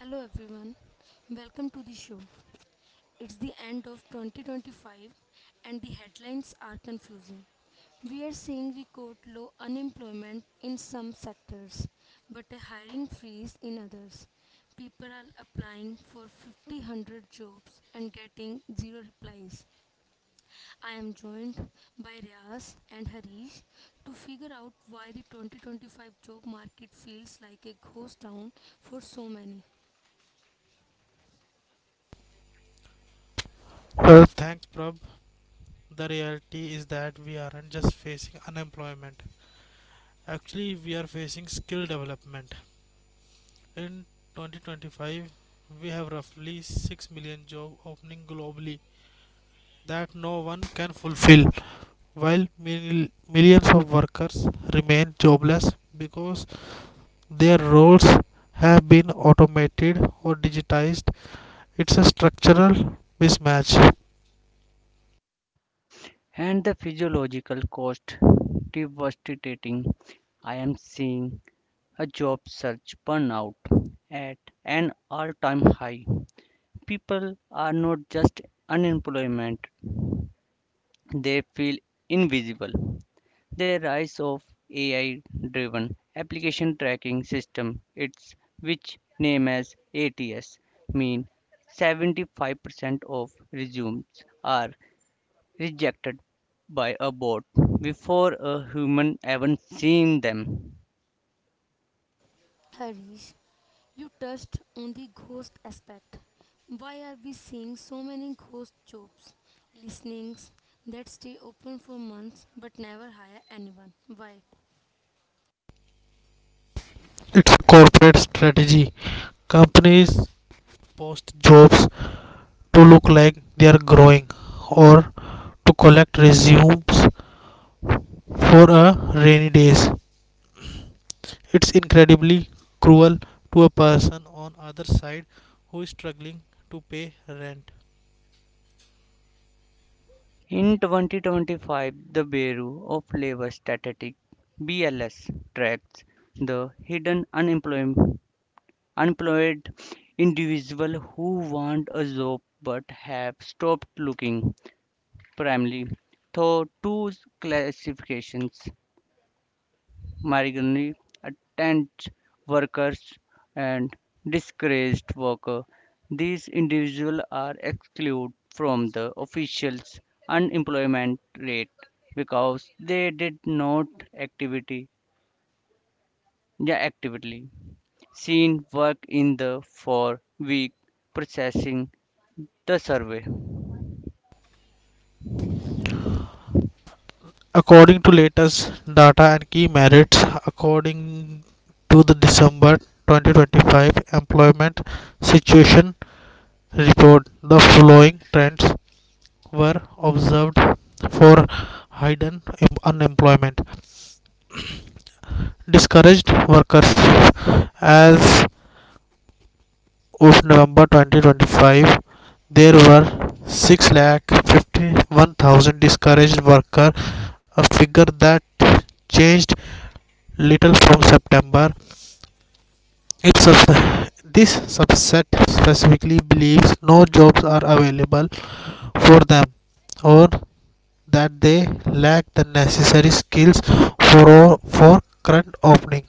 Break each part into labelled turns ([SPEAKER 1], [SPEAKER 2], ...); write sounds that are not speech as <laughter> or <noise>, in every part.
[SPEAKER 1] Hello everyone, welcome to the show. It's the end of 2025 and the headlines are confusing. We are seeing record low unemployment in some sectors but a hiring freeze in others. People are applying for 500 jobs and getting zero replies. I am joined by Riaz and Harish to figure out why the 2025 job market feels like a ghost town for so many.
[SPEAKER 2] Well, thanks, Prab. The reality is that we aren't just facing unemployment. Actually, we are facing skill development. In 2025, we have roughly 6 million job opening globally that no one can fulfill, while millions of workers remain jobless because their roles have been automated or digitized. It's a structural mismatch.
[SPEAKER 3] And the physiological cost devastating. I am seeing a job search burnout at an all time high. People are not just unemployment, they feel invisible. The rise of AI driven application tracking system, its which name as ATS, mean 75% of resumes are rejected by a boat before a human even seeing them.
[SPEAKER 1] Harish, you touched on the ghost aspect. Why are we seeing so many ghost jobs, listenings that stay open for months but never hire anyone? Why?
[SPEAKER 2] It's a corporate strategy. Companies post jobs to look like they are growing or to collect resumes for a rainy days. It's incredibly cruel to a person on other side who is struggling to pay rent.
[SPEAKER 3] In 2025, the Bureau of Labor Statistics (BLS) tracks the hidden unemployed individuals who want a job but have stopped looking, primarily through two classifications migrantly tent workers and disgraced workers. These individuals are excluded from the official unemployment rate because they did not activity, yeah, actively seen work in the 4 week processing the survey.
[SPEAKER 2] According to latest data and key merits, according to the December 2025 employment situation report, the following trends were observed for hidden unemployment. <clears throat> <coughs> Discouraged workers. As of November 2025, there were 651,000 discouraged workers, a figure that changed little from September. It sub- this subset specifically believes no jobs are available for them or that they lack the necessary skills for current opening.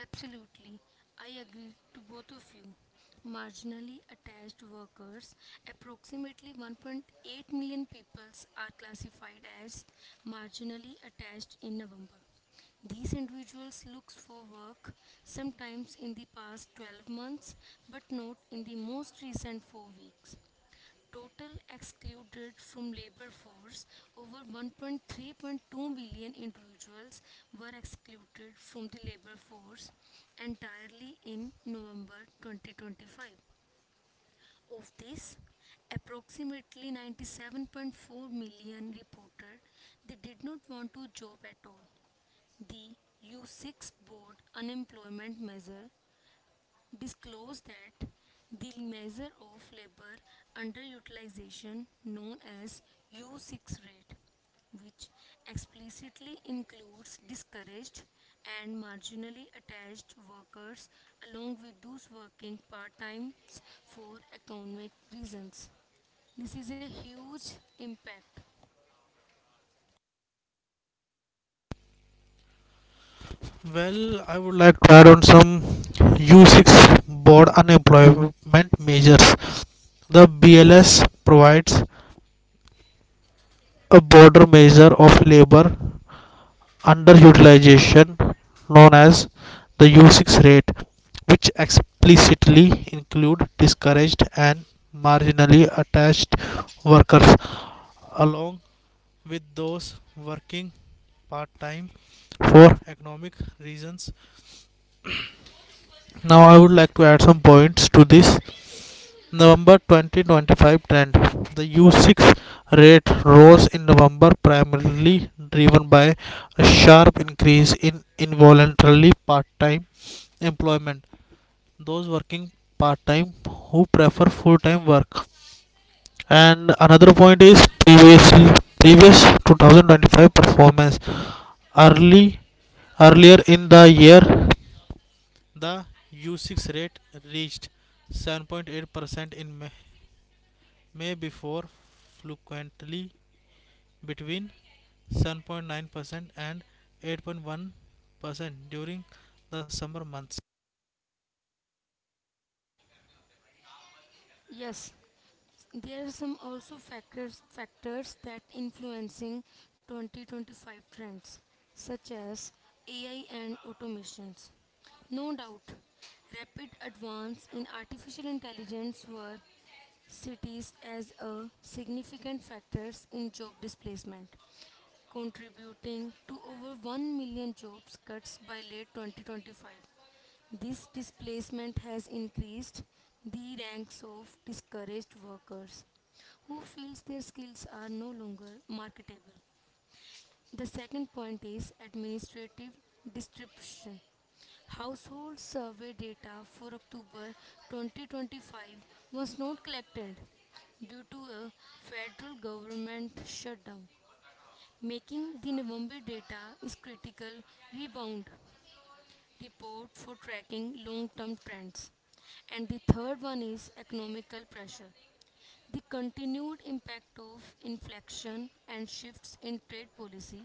[SPEAKER 1] Absolutely, I agree to both of you. Marginally attached workers, approximately 1.8 million peoples are classified as marginally attached in November. These individuals look for work sometimes in the past 12 months but not in the most recent 4 weeks. Total excluded from labor force, over 1.3.2 million individuals were excluded from the labor force entirely in November 2025. Of this, approximately 97.4 million reported they did not want to job at all. The U6 board unemployment measure disclose that the measure of labor underutilization, known as U6 rate, which explicitly includes discouraged and marginally attached workers along with those working part-time for economic reasons, this is a huge impact.
[SPEAKER 2] Well, I would like to add on some U6 board unemployment measures. The BLS provides a broader measure of labor underutilization known as the U6 rate, which explicitly include discouraged and marginally attached workers along with those working part time for economic reasons. Now I would like to add some points to this. November 2025 trend. The U6 rate rose in November, primarily driven by a sharp increase in involuntarily part time employment. Those working part time who prefer full time work. And another point is previous 2025 performance. Early earlier in the year, the U6 rate reached 7.8% in May. May be for frequently between 7.9% and 8.1% during the summer months.
[SPEAKER 1] yes There are some also factors that influencing 2025 trends such as AI and automations. No doubt, rapid advance in artificial intelligence were cities as a significant factors in job displacement, contributing to over 1 million jobs cuts by late 2025. This displacement has increased the ranks of discouraged workers who feels their skills are no longer marketable. The second point is administrative distribution. Household survey data for October 2025 was not collected due to a federal government shutdown, making the November data is critical rebound report for tracking long term trends. And the third one is economical pressure. The continued impact of inflation and shifts in trade policy,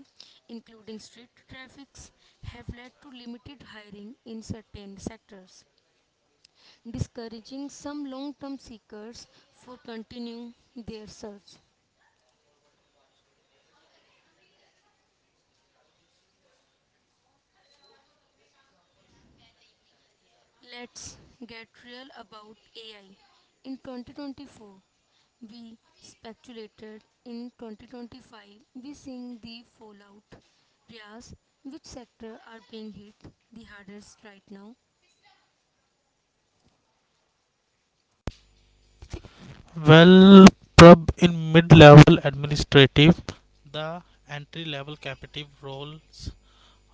[SPEAKER 1] including strict tariffs, have led to limited hiring in certain sectors, discouraging some long term seekers for continuing their search. Let's get real about AI. In 2024, we speculated. In 2025, we seeing the fallout. Riyaz, which sector are being hit the hardest right now?
[SPEAKER 2] Well, prob in mid level administrative, the entry level captive roles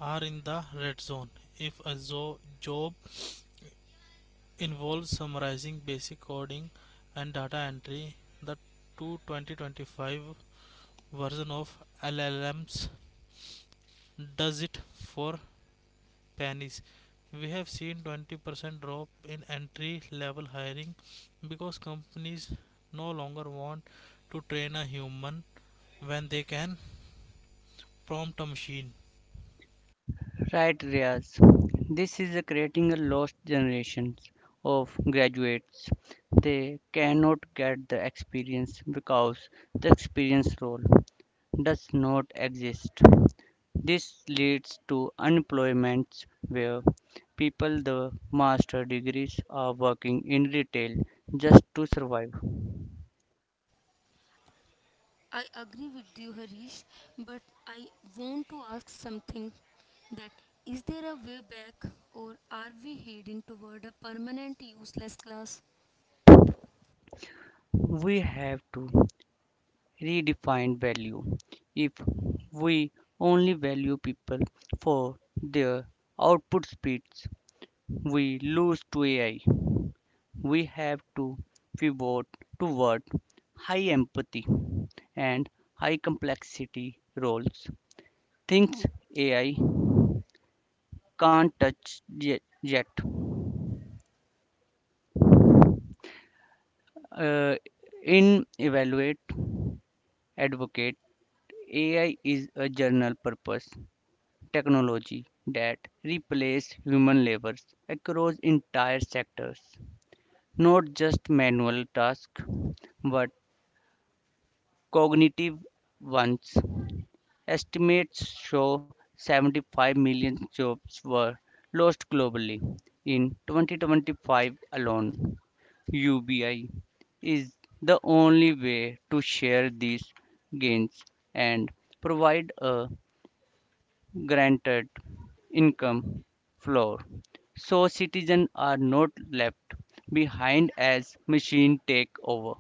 [SPEAKER 2] are in the red zone. If a job involves summarizing basic coding and data entry, the 2025 version of LLMs does it for panics. We have seen 20% drop in entry level hiring because companies no longer want to train a human when they can prompt a machine.
[SPEAKER 3] Right, Riaz. This is creating a lost generation of graduates. They cannot get the experience because the experience role does not exist. This leads to unemployment where people the master degrees are working in retail just to survive.
[SPEAKER 1] I agree with you, Harish, but I want to ask something, that is there a way back, or are we heading toward a permanent useless class?
[SPEAKER 3] We have to redefined value. If we only value people for their output speeds, we lose to AI. We have to pivot toward high empathy and high complexity roles. Things AI can't touch yet. Uh, in evaluate advocate, AI is a general purpose technology that replaced human labor across entire sectors, not just manual tasks but cognitive ones. Estimates show 75 million jobs were lost globally in 2025 alone. UBI is the only way to share these gains and provide a granted income floor so citizens are not left behind as machine take over.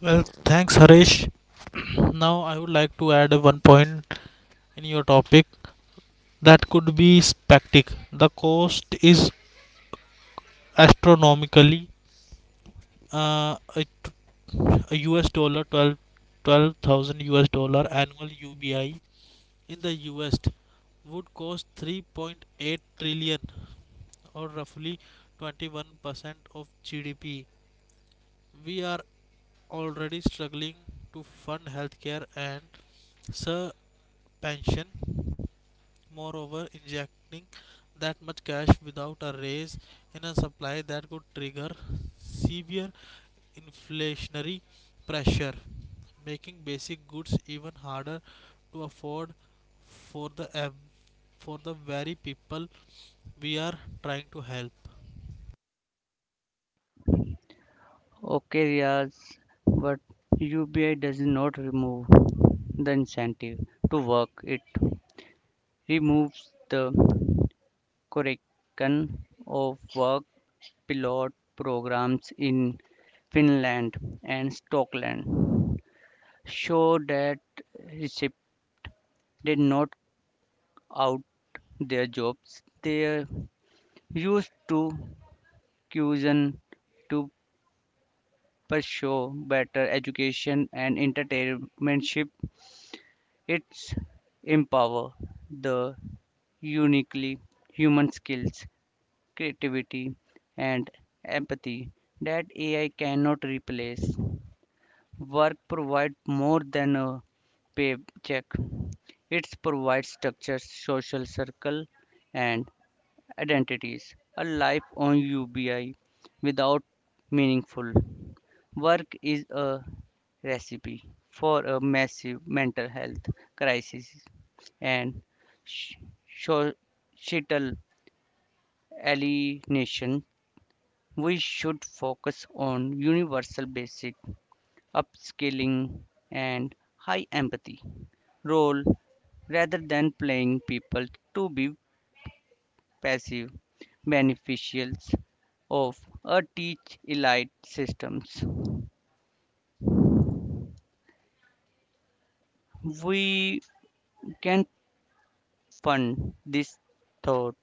[SPEAKER 2] Well, thanks, Harish. <clears throat> Now I would like to add one point in your topic that could be spectac. The cost is astronomically, uh, a, US dollar twelve thousand US dollar annual UBI in the US would cost 3.8 trillion or roughly 21% of GDP. We are already struggling to fund healthcare and sir pension. Moreover, injecting that much cash without a raise in a supply that could trigger severe inflationary pressure, making basic goods even harder to afford for the ev- for the very people we are trying to help.
[SPEAKER 3] Okay Riaz, but ubi does not remove the incentive to work, it removes the correction of work. Pilot programs in finland and stockland show that receipt did not out their jobs. They used to cuisine to pursue better education and entertainmentship. It's empower the uniquely human skills, creativity, and empathy that AI cannot replace. Work provides more than a paycheck. It provides structure, social circle, and identities. A life on UBI without meaningful work is a recipe for a massive mental health crisis and sh- societal alienation. We should focus on universal basic upskilling and high empathy role rather than playing people to be passive beneficials of a teach elite systems. We can fund this thought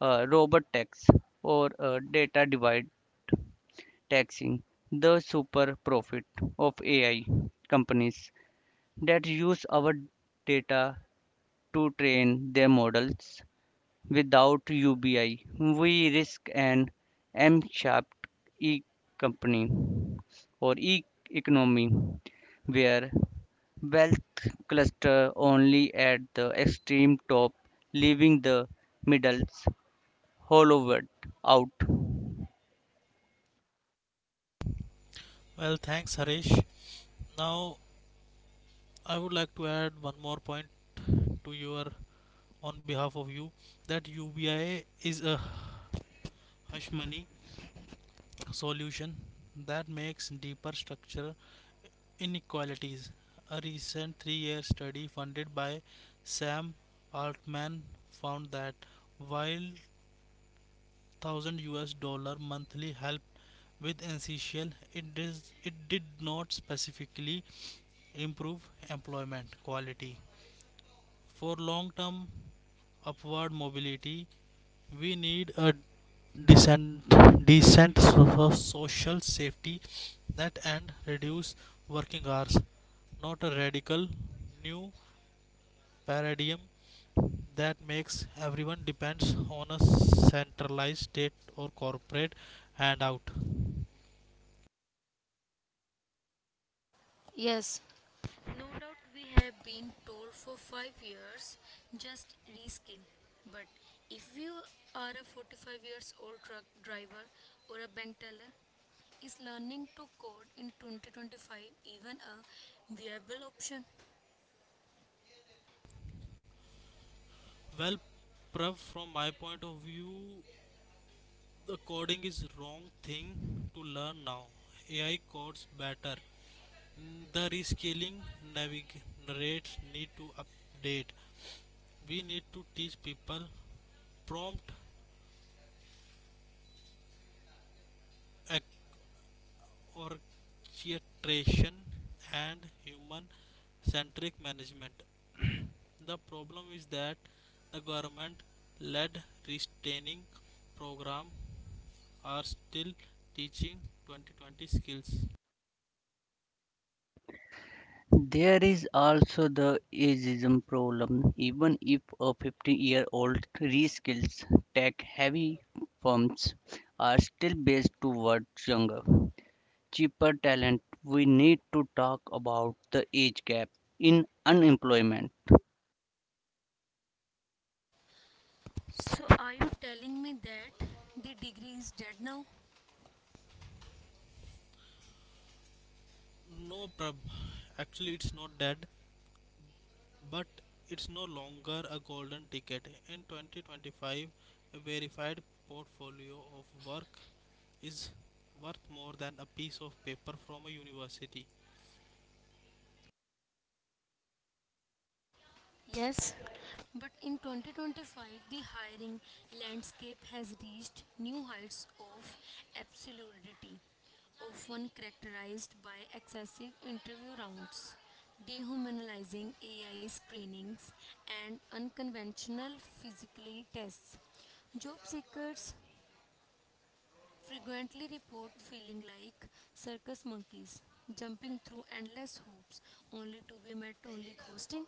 [SPEAKER 3] a robot tax or a data divide taxing the super profit of AI companies that use our data to train their models. Without UBI, we risk an M-shaped e-company or e-economy where wealth cluster only at the extreme top, leaving the middles hollowed out.
[SPEAKER 2] Well, thanks, Harish. Now, I would like to add one more point to your on behalf of you that UBI is a hush money solution that makes deeper structural inequalities. A recent 3-year study funded by Sam Altman found that while $1,000 monthly help with essential, it is it did not specifically improve employment quality. For long term upward mobility, we need a decent decent social safety net and reduce working hours, not a radical new paradigm that makes everyone depends on a centralized state or corporate handout.
[SPEAKER 1] Yes. No doubt we have been told for 5 years just reskill. But if you are a 45 years old truck driver or a bank teller, is learning to code in 2025 even a viable option?
[SPEAKER 2] Well, Prav, from my point of view, the coding is wrong thing to learn now. AI codes better. The rescaling navigates need to update. We need to teach people prompt ac- orchestration and human centric management. The problem is that the government led restraining program are still teaching 2020 skills.
[SPEAKER 3] There is also the ageism problem. Even if a 50-year-old reskills, tech-heavy firms are still based towards younger cheaper talent. We need to talk about the age gap in unemployment.
[SPEAKER 1] So are you telling me that the degree is dead now?
[SPEAKER 2] No, Prab. Actually, it's not dead, but it's no longer a golden ticket. In 2025, a verified portfolio of work is worth more than a piece of paper from a university.
[SPEAKER 1] Yes, But in 2025, the hiring landscape has reached new heights of absurdity, often characterized by excessive interview rounds, dehumanizing AI screenings, and unconventional physically tests. Job seekers frequently report feeling like circus monkeys, jumping through endless hoops only to be met only ghosting.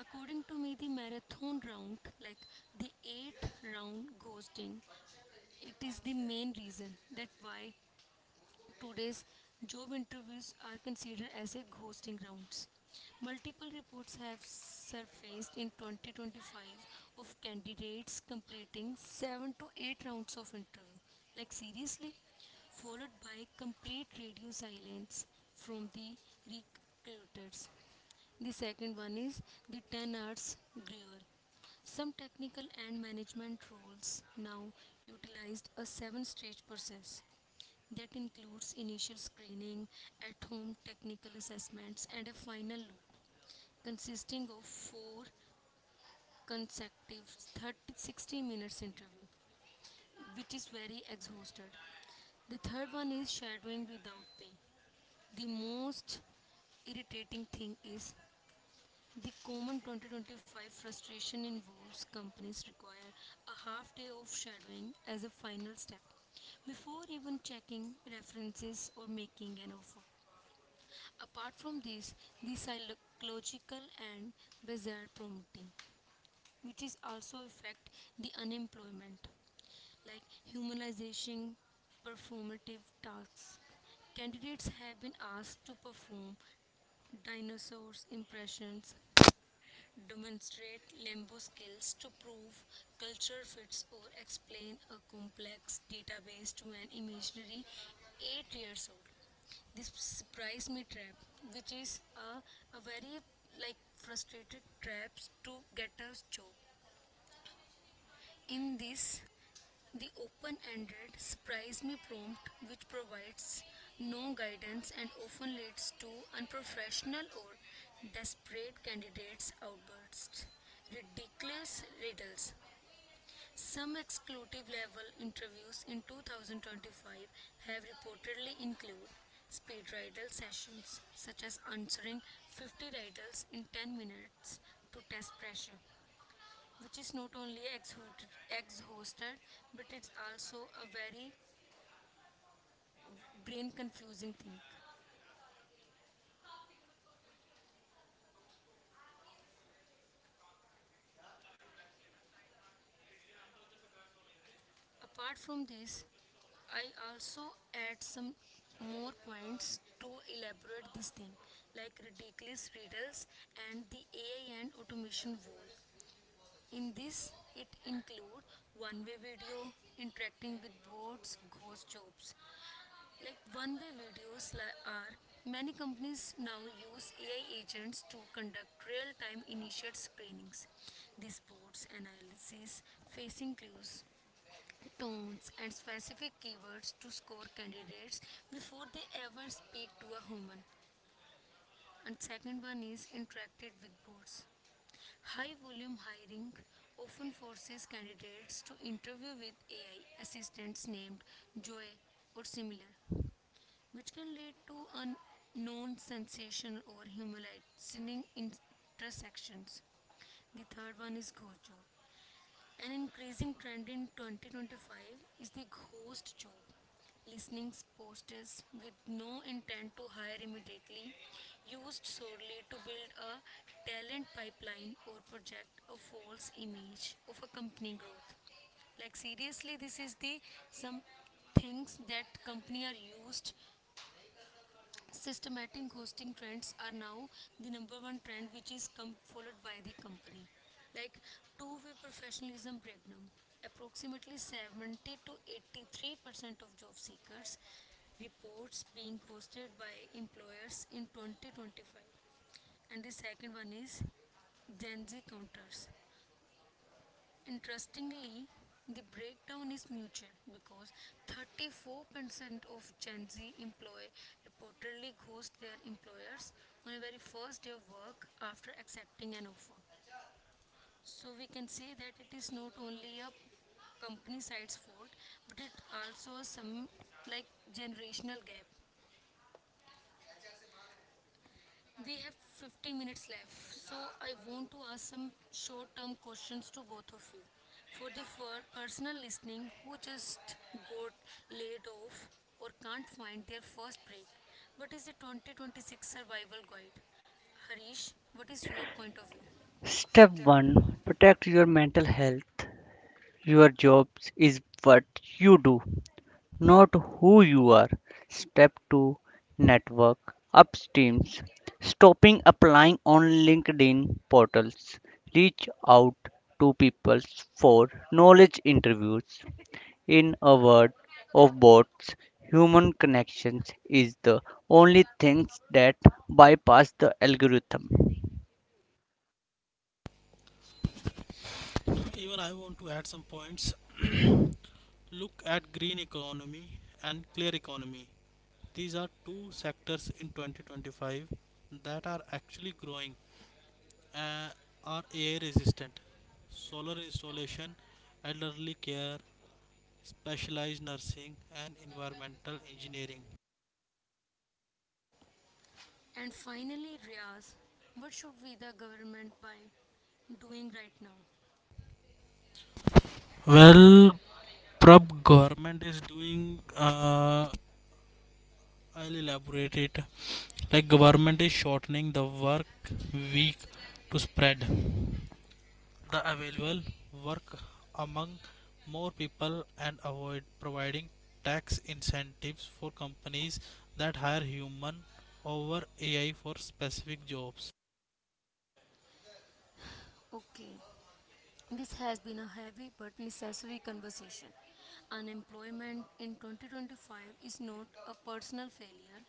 [SPEAKER 1] According to me, the marathon round, like the eighth round ghosting, it is the main reason that why today's job interviews are considered as a ghosting rounds. Multiple reports have surfaced in 2025 of candidates completing 7 to 8 rounds of interview. Like seriously? Followed by complete radio silence from the recruiters. The second one is the 10 hours Greer. Some technical and management roles now utilized a seven stage process that includes initial screening, at home technical assessments, and a final loop consisting of four consecutive 30 60 minutes interview, which is very exhausted. The third one is shadowing without pay. The most irritating thing is, the common 2025 frustration involves companies require a half day of shadowing as a final step before even checking references or making an offer. Apart from this, the psychological and bizarre promoting, which is also affect the unemployment, like humanization, performative tasks. Candidates have been asked to perform dinosaurs impressions, demonstrate Limbo skills to prove culture fits, or explain a complex database to an imaginary 8 years old. This surprise me trap, which is a very like frustrated traps to get a job. In this, the open ended surprise me prompt, which provides no guidance and often leads to unprofessional or desperate candidates' outbursts. Ridiculous riddles. Some exclusive level interviews in 2025 have reportedly included speed riddle sessions, such as answering 50 riddles in 10 minutes to test pressure, which is not only ex-hosted but it's also a very brain confusing thing. Apart from this, I also add some more points to elaborate this thing, like ridiculous riddles and the AI and automation wall. In this, it include one-way video, interacting with bots, ghost jobs. Like one way videos are, many companies now use AI agents to conduct real time initial screenings. This boards analysis facing clues, tones, and specific keywords to score candidates before they ever speak to a human. And second one is interacted with boards. High volume hiring often forces candidates to interview with AI assistants named Joy or similar, which can lead to unknown sensation or humiliating intersections. The third one is ghost job. An increasing trend in 2025 is the ghost job. Listening posters with no intent to hire immediately, used solely to build a talent pipeline or project a false image of a company growth. Like seriously, this is the some things that company are used. Systematic ghosting trends are now the number one trend, which is followed by the company. Like, two-way professionalism breakdown. Approximately 70 to 83% of job seekers reports being ghosted by employers in 2025. And the second one is Gen Z counters. Interestingly, the breakdown is mutual because 34% of Gen Z employee reportedly ghost their employers on the very first day of work after accepting an offer. So we can say that it is not only a company side's fault, but it also some like generational gap. We have 50 minutes left, so I want to ask some short term questions to both of you. For the personal listening who just got laid off or can't find their first break, what is the 2026 survival guide? Harish, what is your point of view?
[SPEAKER 3] Step
[SPEAKER 1] Step 1.
[SPEAKER 3] 1: protect your mental health. Your job is what you do, not who you are. Step 2: network upstreams. Stopping applying on LinkedIn portals. Reach out to people for knowledge interviews. In a world of bots, human connections is the only things that bypass the algorithm.
[SPEAKER 2] Even I want to add some points. Look at green economy and clear economy. These are two sectors in 2025 that are actually growing and are air resistant. Solar installation, elderly care, specialized nursing and environmental engineering.
[SPEAKER 1] And finally, Riaz, what should we the government by doing right now?
[SPEAKER 2] Well, prob, government is doing, I'll elaborate it. Like, government is shortening the work week to spread the available work among more people and avoid providing tax incentives for companies that hire human over AI for specific jobs.
[SPEAKER 1] Okay. This has been a heavy but necessary conversation. Unemployment in 2025 is not a personal failure,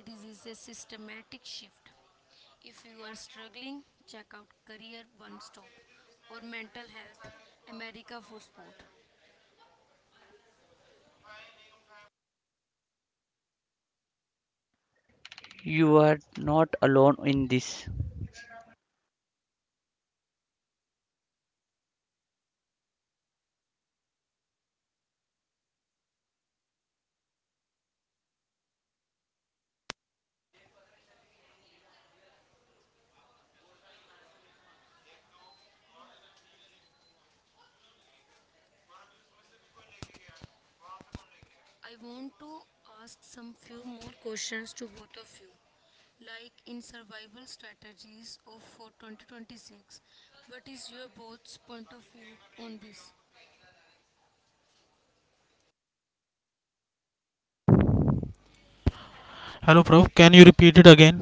[SPEAKER 1] it is a systematic shift. If you are struggling, check out Career One Stop or Mental Health America for Sport.
[SPEAKER 3] You are not alone in this.
[SPEAKER 1] I want to ask some few more questions to both of you, like, in survival strategies of for 2026, what is your both's point of view on this?
[SPEAKER 2] Hello, prof, can you repeat it again?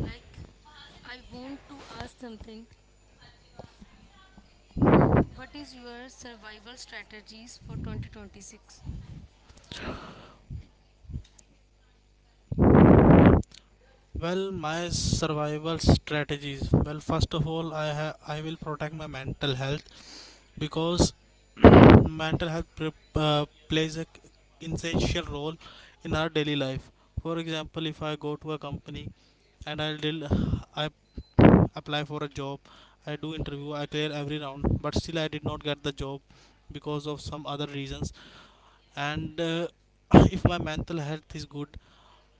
[SPEAKER 1] Like, I want to ask something. What is your survival strategies for 2026?
[SPEAKER 2] Well, my survival strategies. Well, first of all, I will protect my mental health because <clears throat> mental health plays a essential role in our daily life. For example, if I go to a company and I deal, I apply for a job, I do interview, I clear every round, but still I did not get the job because of some other reasons. And <clears throat> if my mental health is good,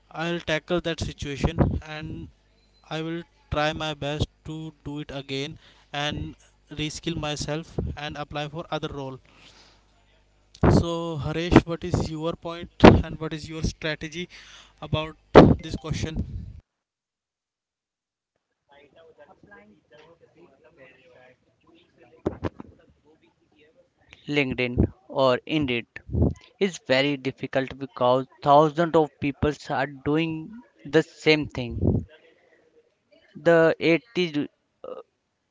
[SPEAKER 2] I'll tackle that situation and I will try my best to do it again and reskill myself and apply for other role. So Harish, what is your point and what is your strategy about this question?
[SPEAKER 3] LinkedIn or Indeed is very difficult because thousands of people are doing the same thing. The 80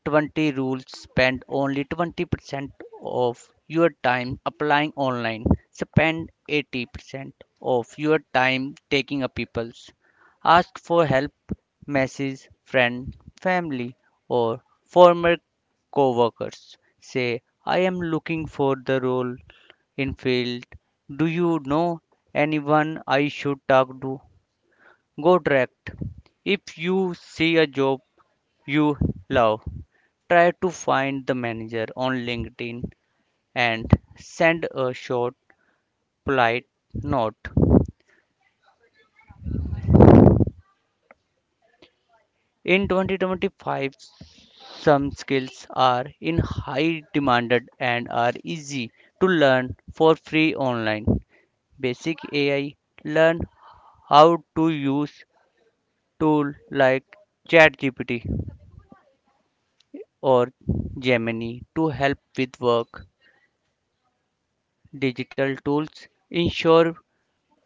[SPEAKER 3] 20 rule: spend only 20% of your time applying online, spend 80% of your time taking applicants. Ask for help, message friend, family, or former co-workers. Say, I am looking for the role in field, do you know anyone I should talk to? Go direct. If you see a job you love, try to find the manager on LinkedIn and send a short, polite note. In 2025, some skills are in high demand and are easy to learn for free online. Basic AI: learn how to use tools like ChatGPT or Gemini to help with work. Digital tools ensure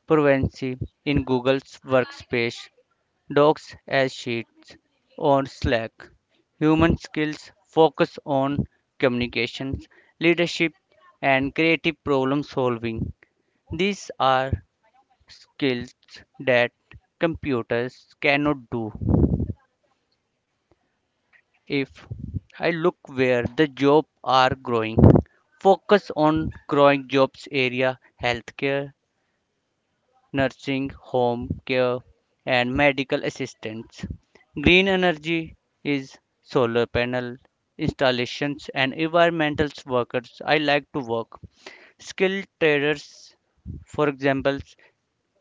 [SPEAKER 3] privacy in Google's Workspace, Docs as Sheets, or Slack. Human skills: focus on communications, leadership, and creative problem solving. These are skills that computers cannot do. If I look where the jobs are growing, focus on growing jobs area healthcare, nursing home care, and medical assistance. Green energy is solar panel installations and environmental workers. I like to work. Skilled traders, for example,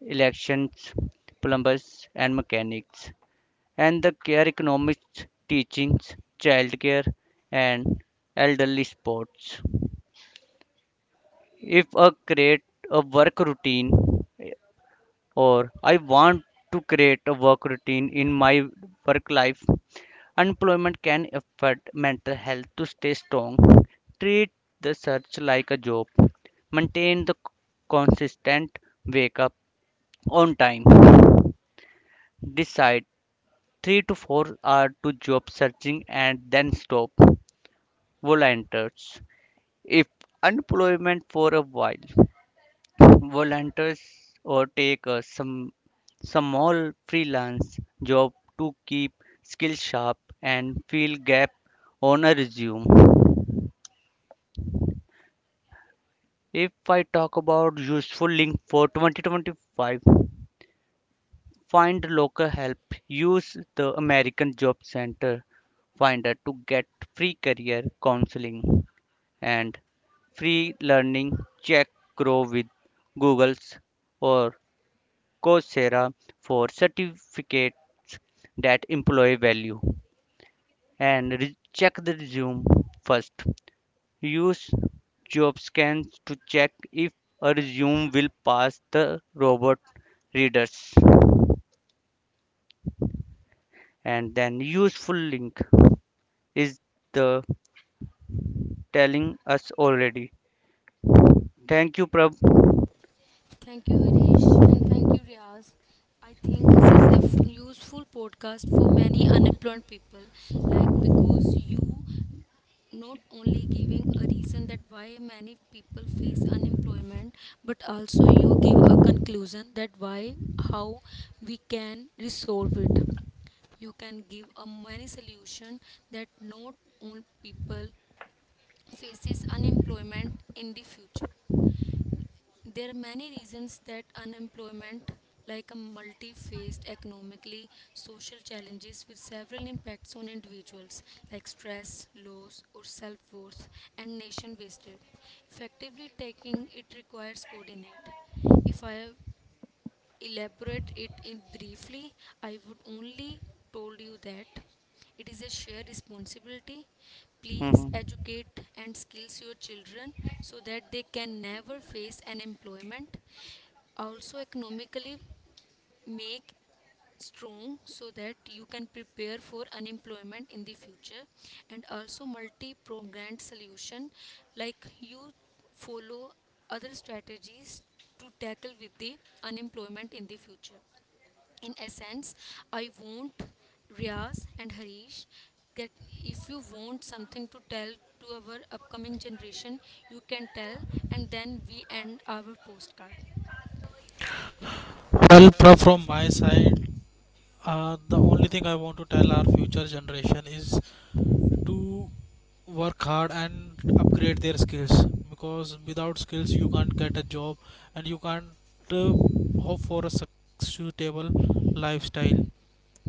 [SPEAKER 3] elections, plumbers, and mechanics. And the care economics, teachings, childcare, and elderly sports. If I create a work routine or I want to create a work routine in my work life. Unemployment can affect mental health to stay strong. Treat the search like a job. Maintain the consistent wake up on time. Decide 3 to 4 hours to job searching and then stop. Volunteers. If unemployment for a while volunteers or take a some small freelance job to keep skills sharp and fill gap on a resume. If I talk about useful link for 2025, find local help. Use the American Job Center Finder to get free career counseling and free learning. Check Grow with Google's or Coursera for certificates that employ value. And check the resume first. Use job scans to check if a resume will pass the robot readers. And then use full link is the telling us already. Thank you, Prab.
[SPEAKER 1] Thank you, Harish, and thank you, Riaz. I think this is a useful podcast for many unemployed people, like,
[SPEAKER 2] Well,
[SPEAKER 1] because you not only giving a reason that why many people face unemployment, but also you give a conclusion that why, how we can resolve it. You can give a many solution that not all people faces unemployment in the future. There are many reasons that unemployment, like a multi-faced economically social challenges with several impacts on individuals, like stress, loss, or self-worth, and nation wasted. Effectively taking it requires coordinate. If I elaborate it in briefly, I would only told you that it is a shared responsibility. Please
[SPEAKER 3] Mhm.
[SPEAKER 1] educate and skills your children so that they can never face unemployment. Also economically make strong so that you can prepare for unemployment in the future, and also multi-pronged solution, like you follow other strategies to tackle with the unemployment in the future. In essence, I want Riaz and Harish that if you want something to tell to our upcoming generation, you can tell, and then we end our postcard. Well,
[SPEAKER 2] Prab,
[SPEAKER 1] Pra-
[SPEAKER 2] from
[SPEAKER 1] from
[SPEAKER 2] my side, the only thing I want to tell our future generation is to work hard and upgrade their skills because without skills you can't get a job and you can't uh, hope for a suitable lifestyle,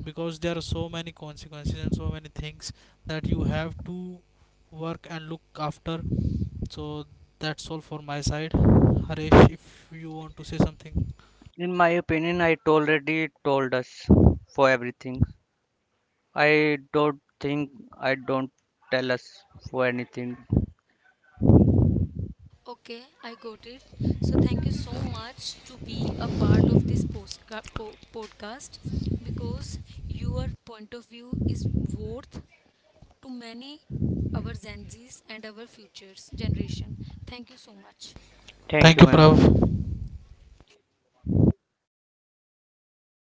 [SPEAKER 2] because there are so many consequences and so many things that you have to work and look after. So that's all for my side. Haresh, if you want to say something.
[SPEAKER 3] In my opinion, I already told us for everything. I don't think I don't tell us for anything.
[SPEAKER 1] Okay, I got it. So thank you so much to be a part of this podcast, because your point of view is worth to many our Gen Zs and our futures generation. Thank you so much. Thank
[SPEAKER 3] Thank
[SPEAKER 1] you,
[SPEAKER 2] Thank
[SPEAKER 3] you,
[SPEAKER 2] you,
[SPEAKER 1] Thank
[SPEAKER 3] ma'am.
[SPEAKER 1] you,
[SPEAKER 2] Prav.
[SPEAKER 1] Anand. Prav. Manoj.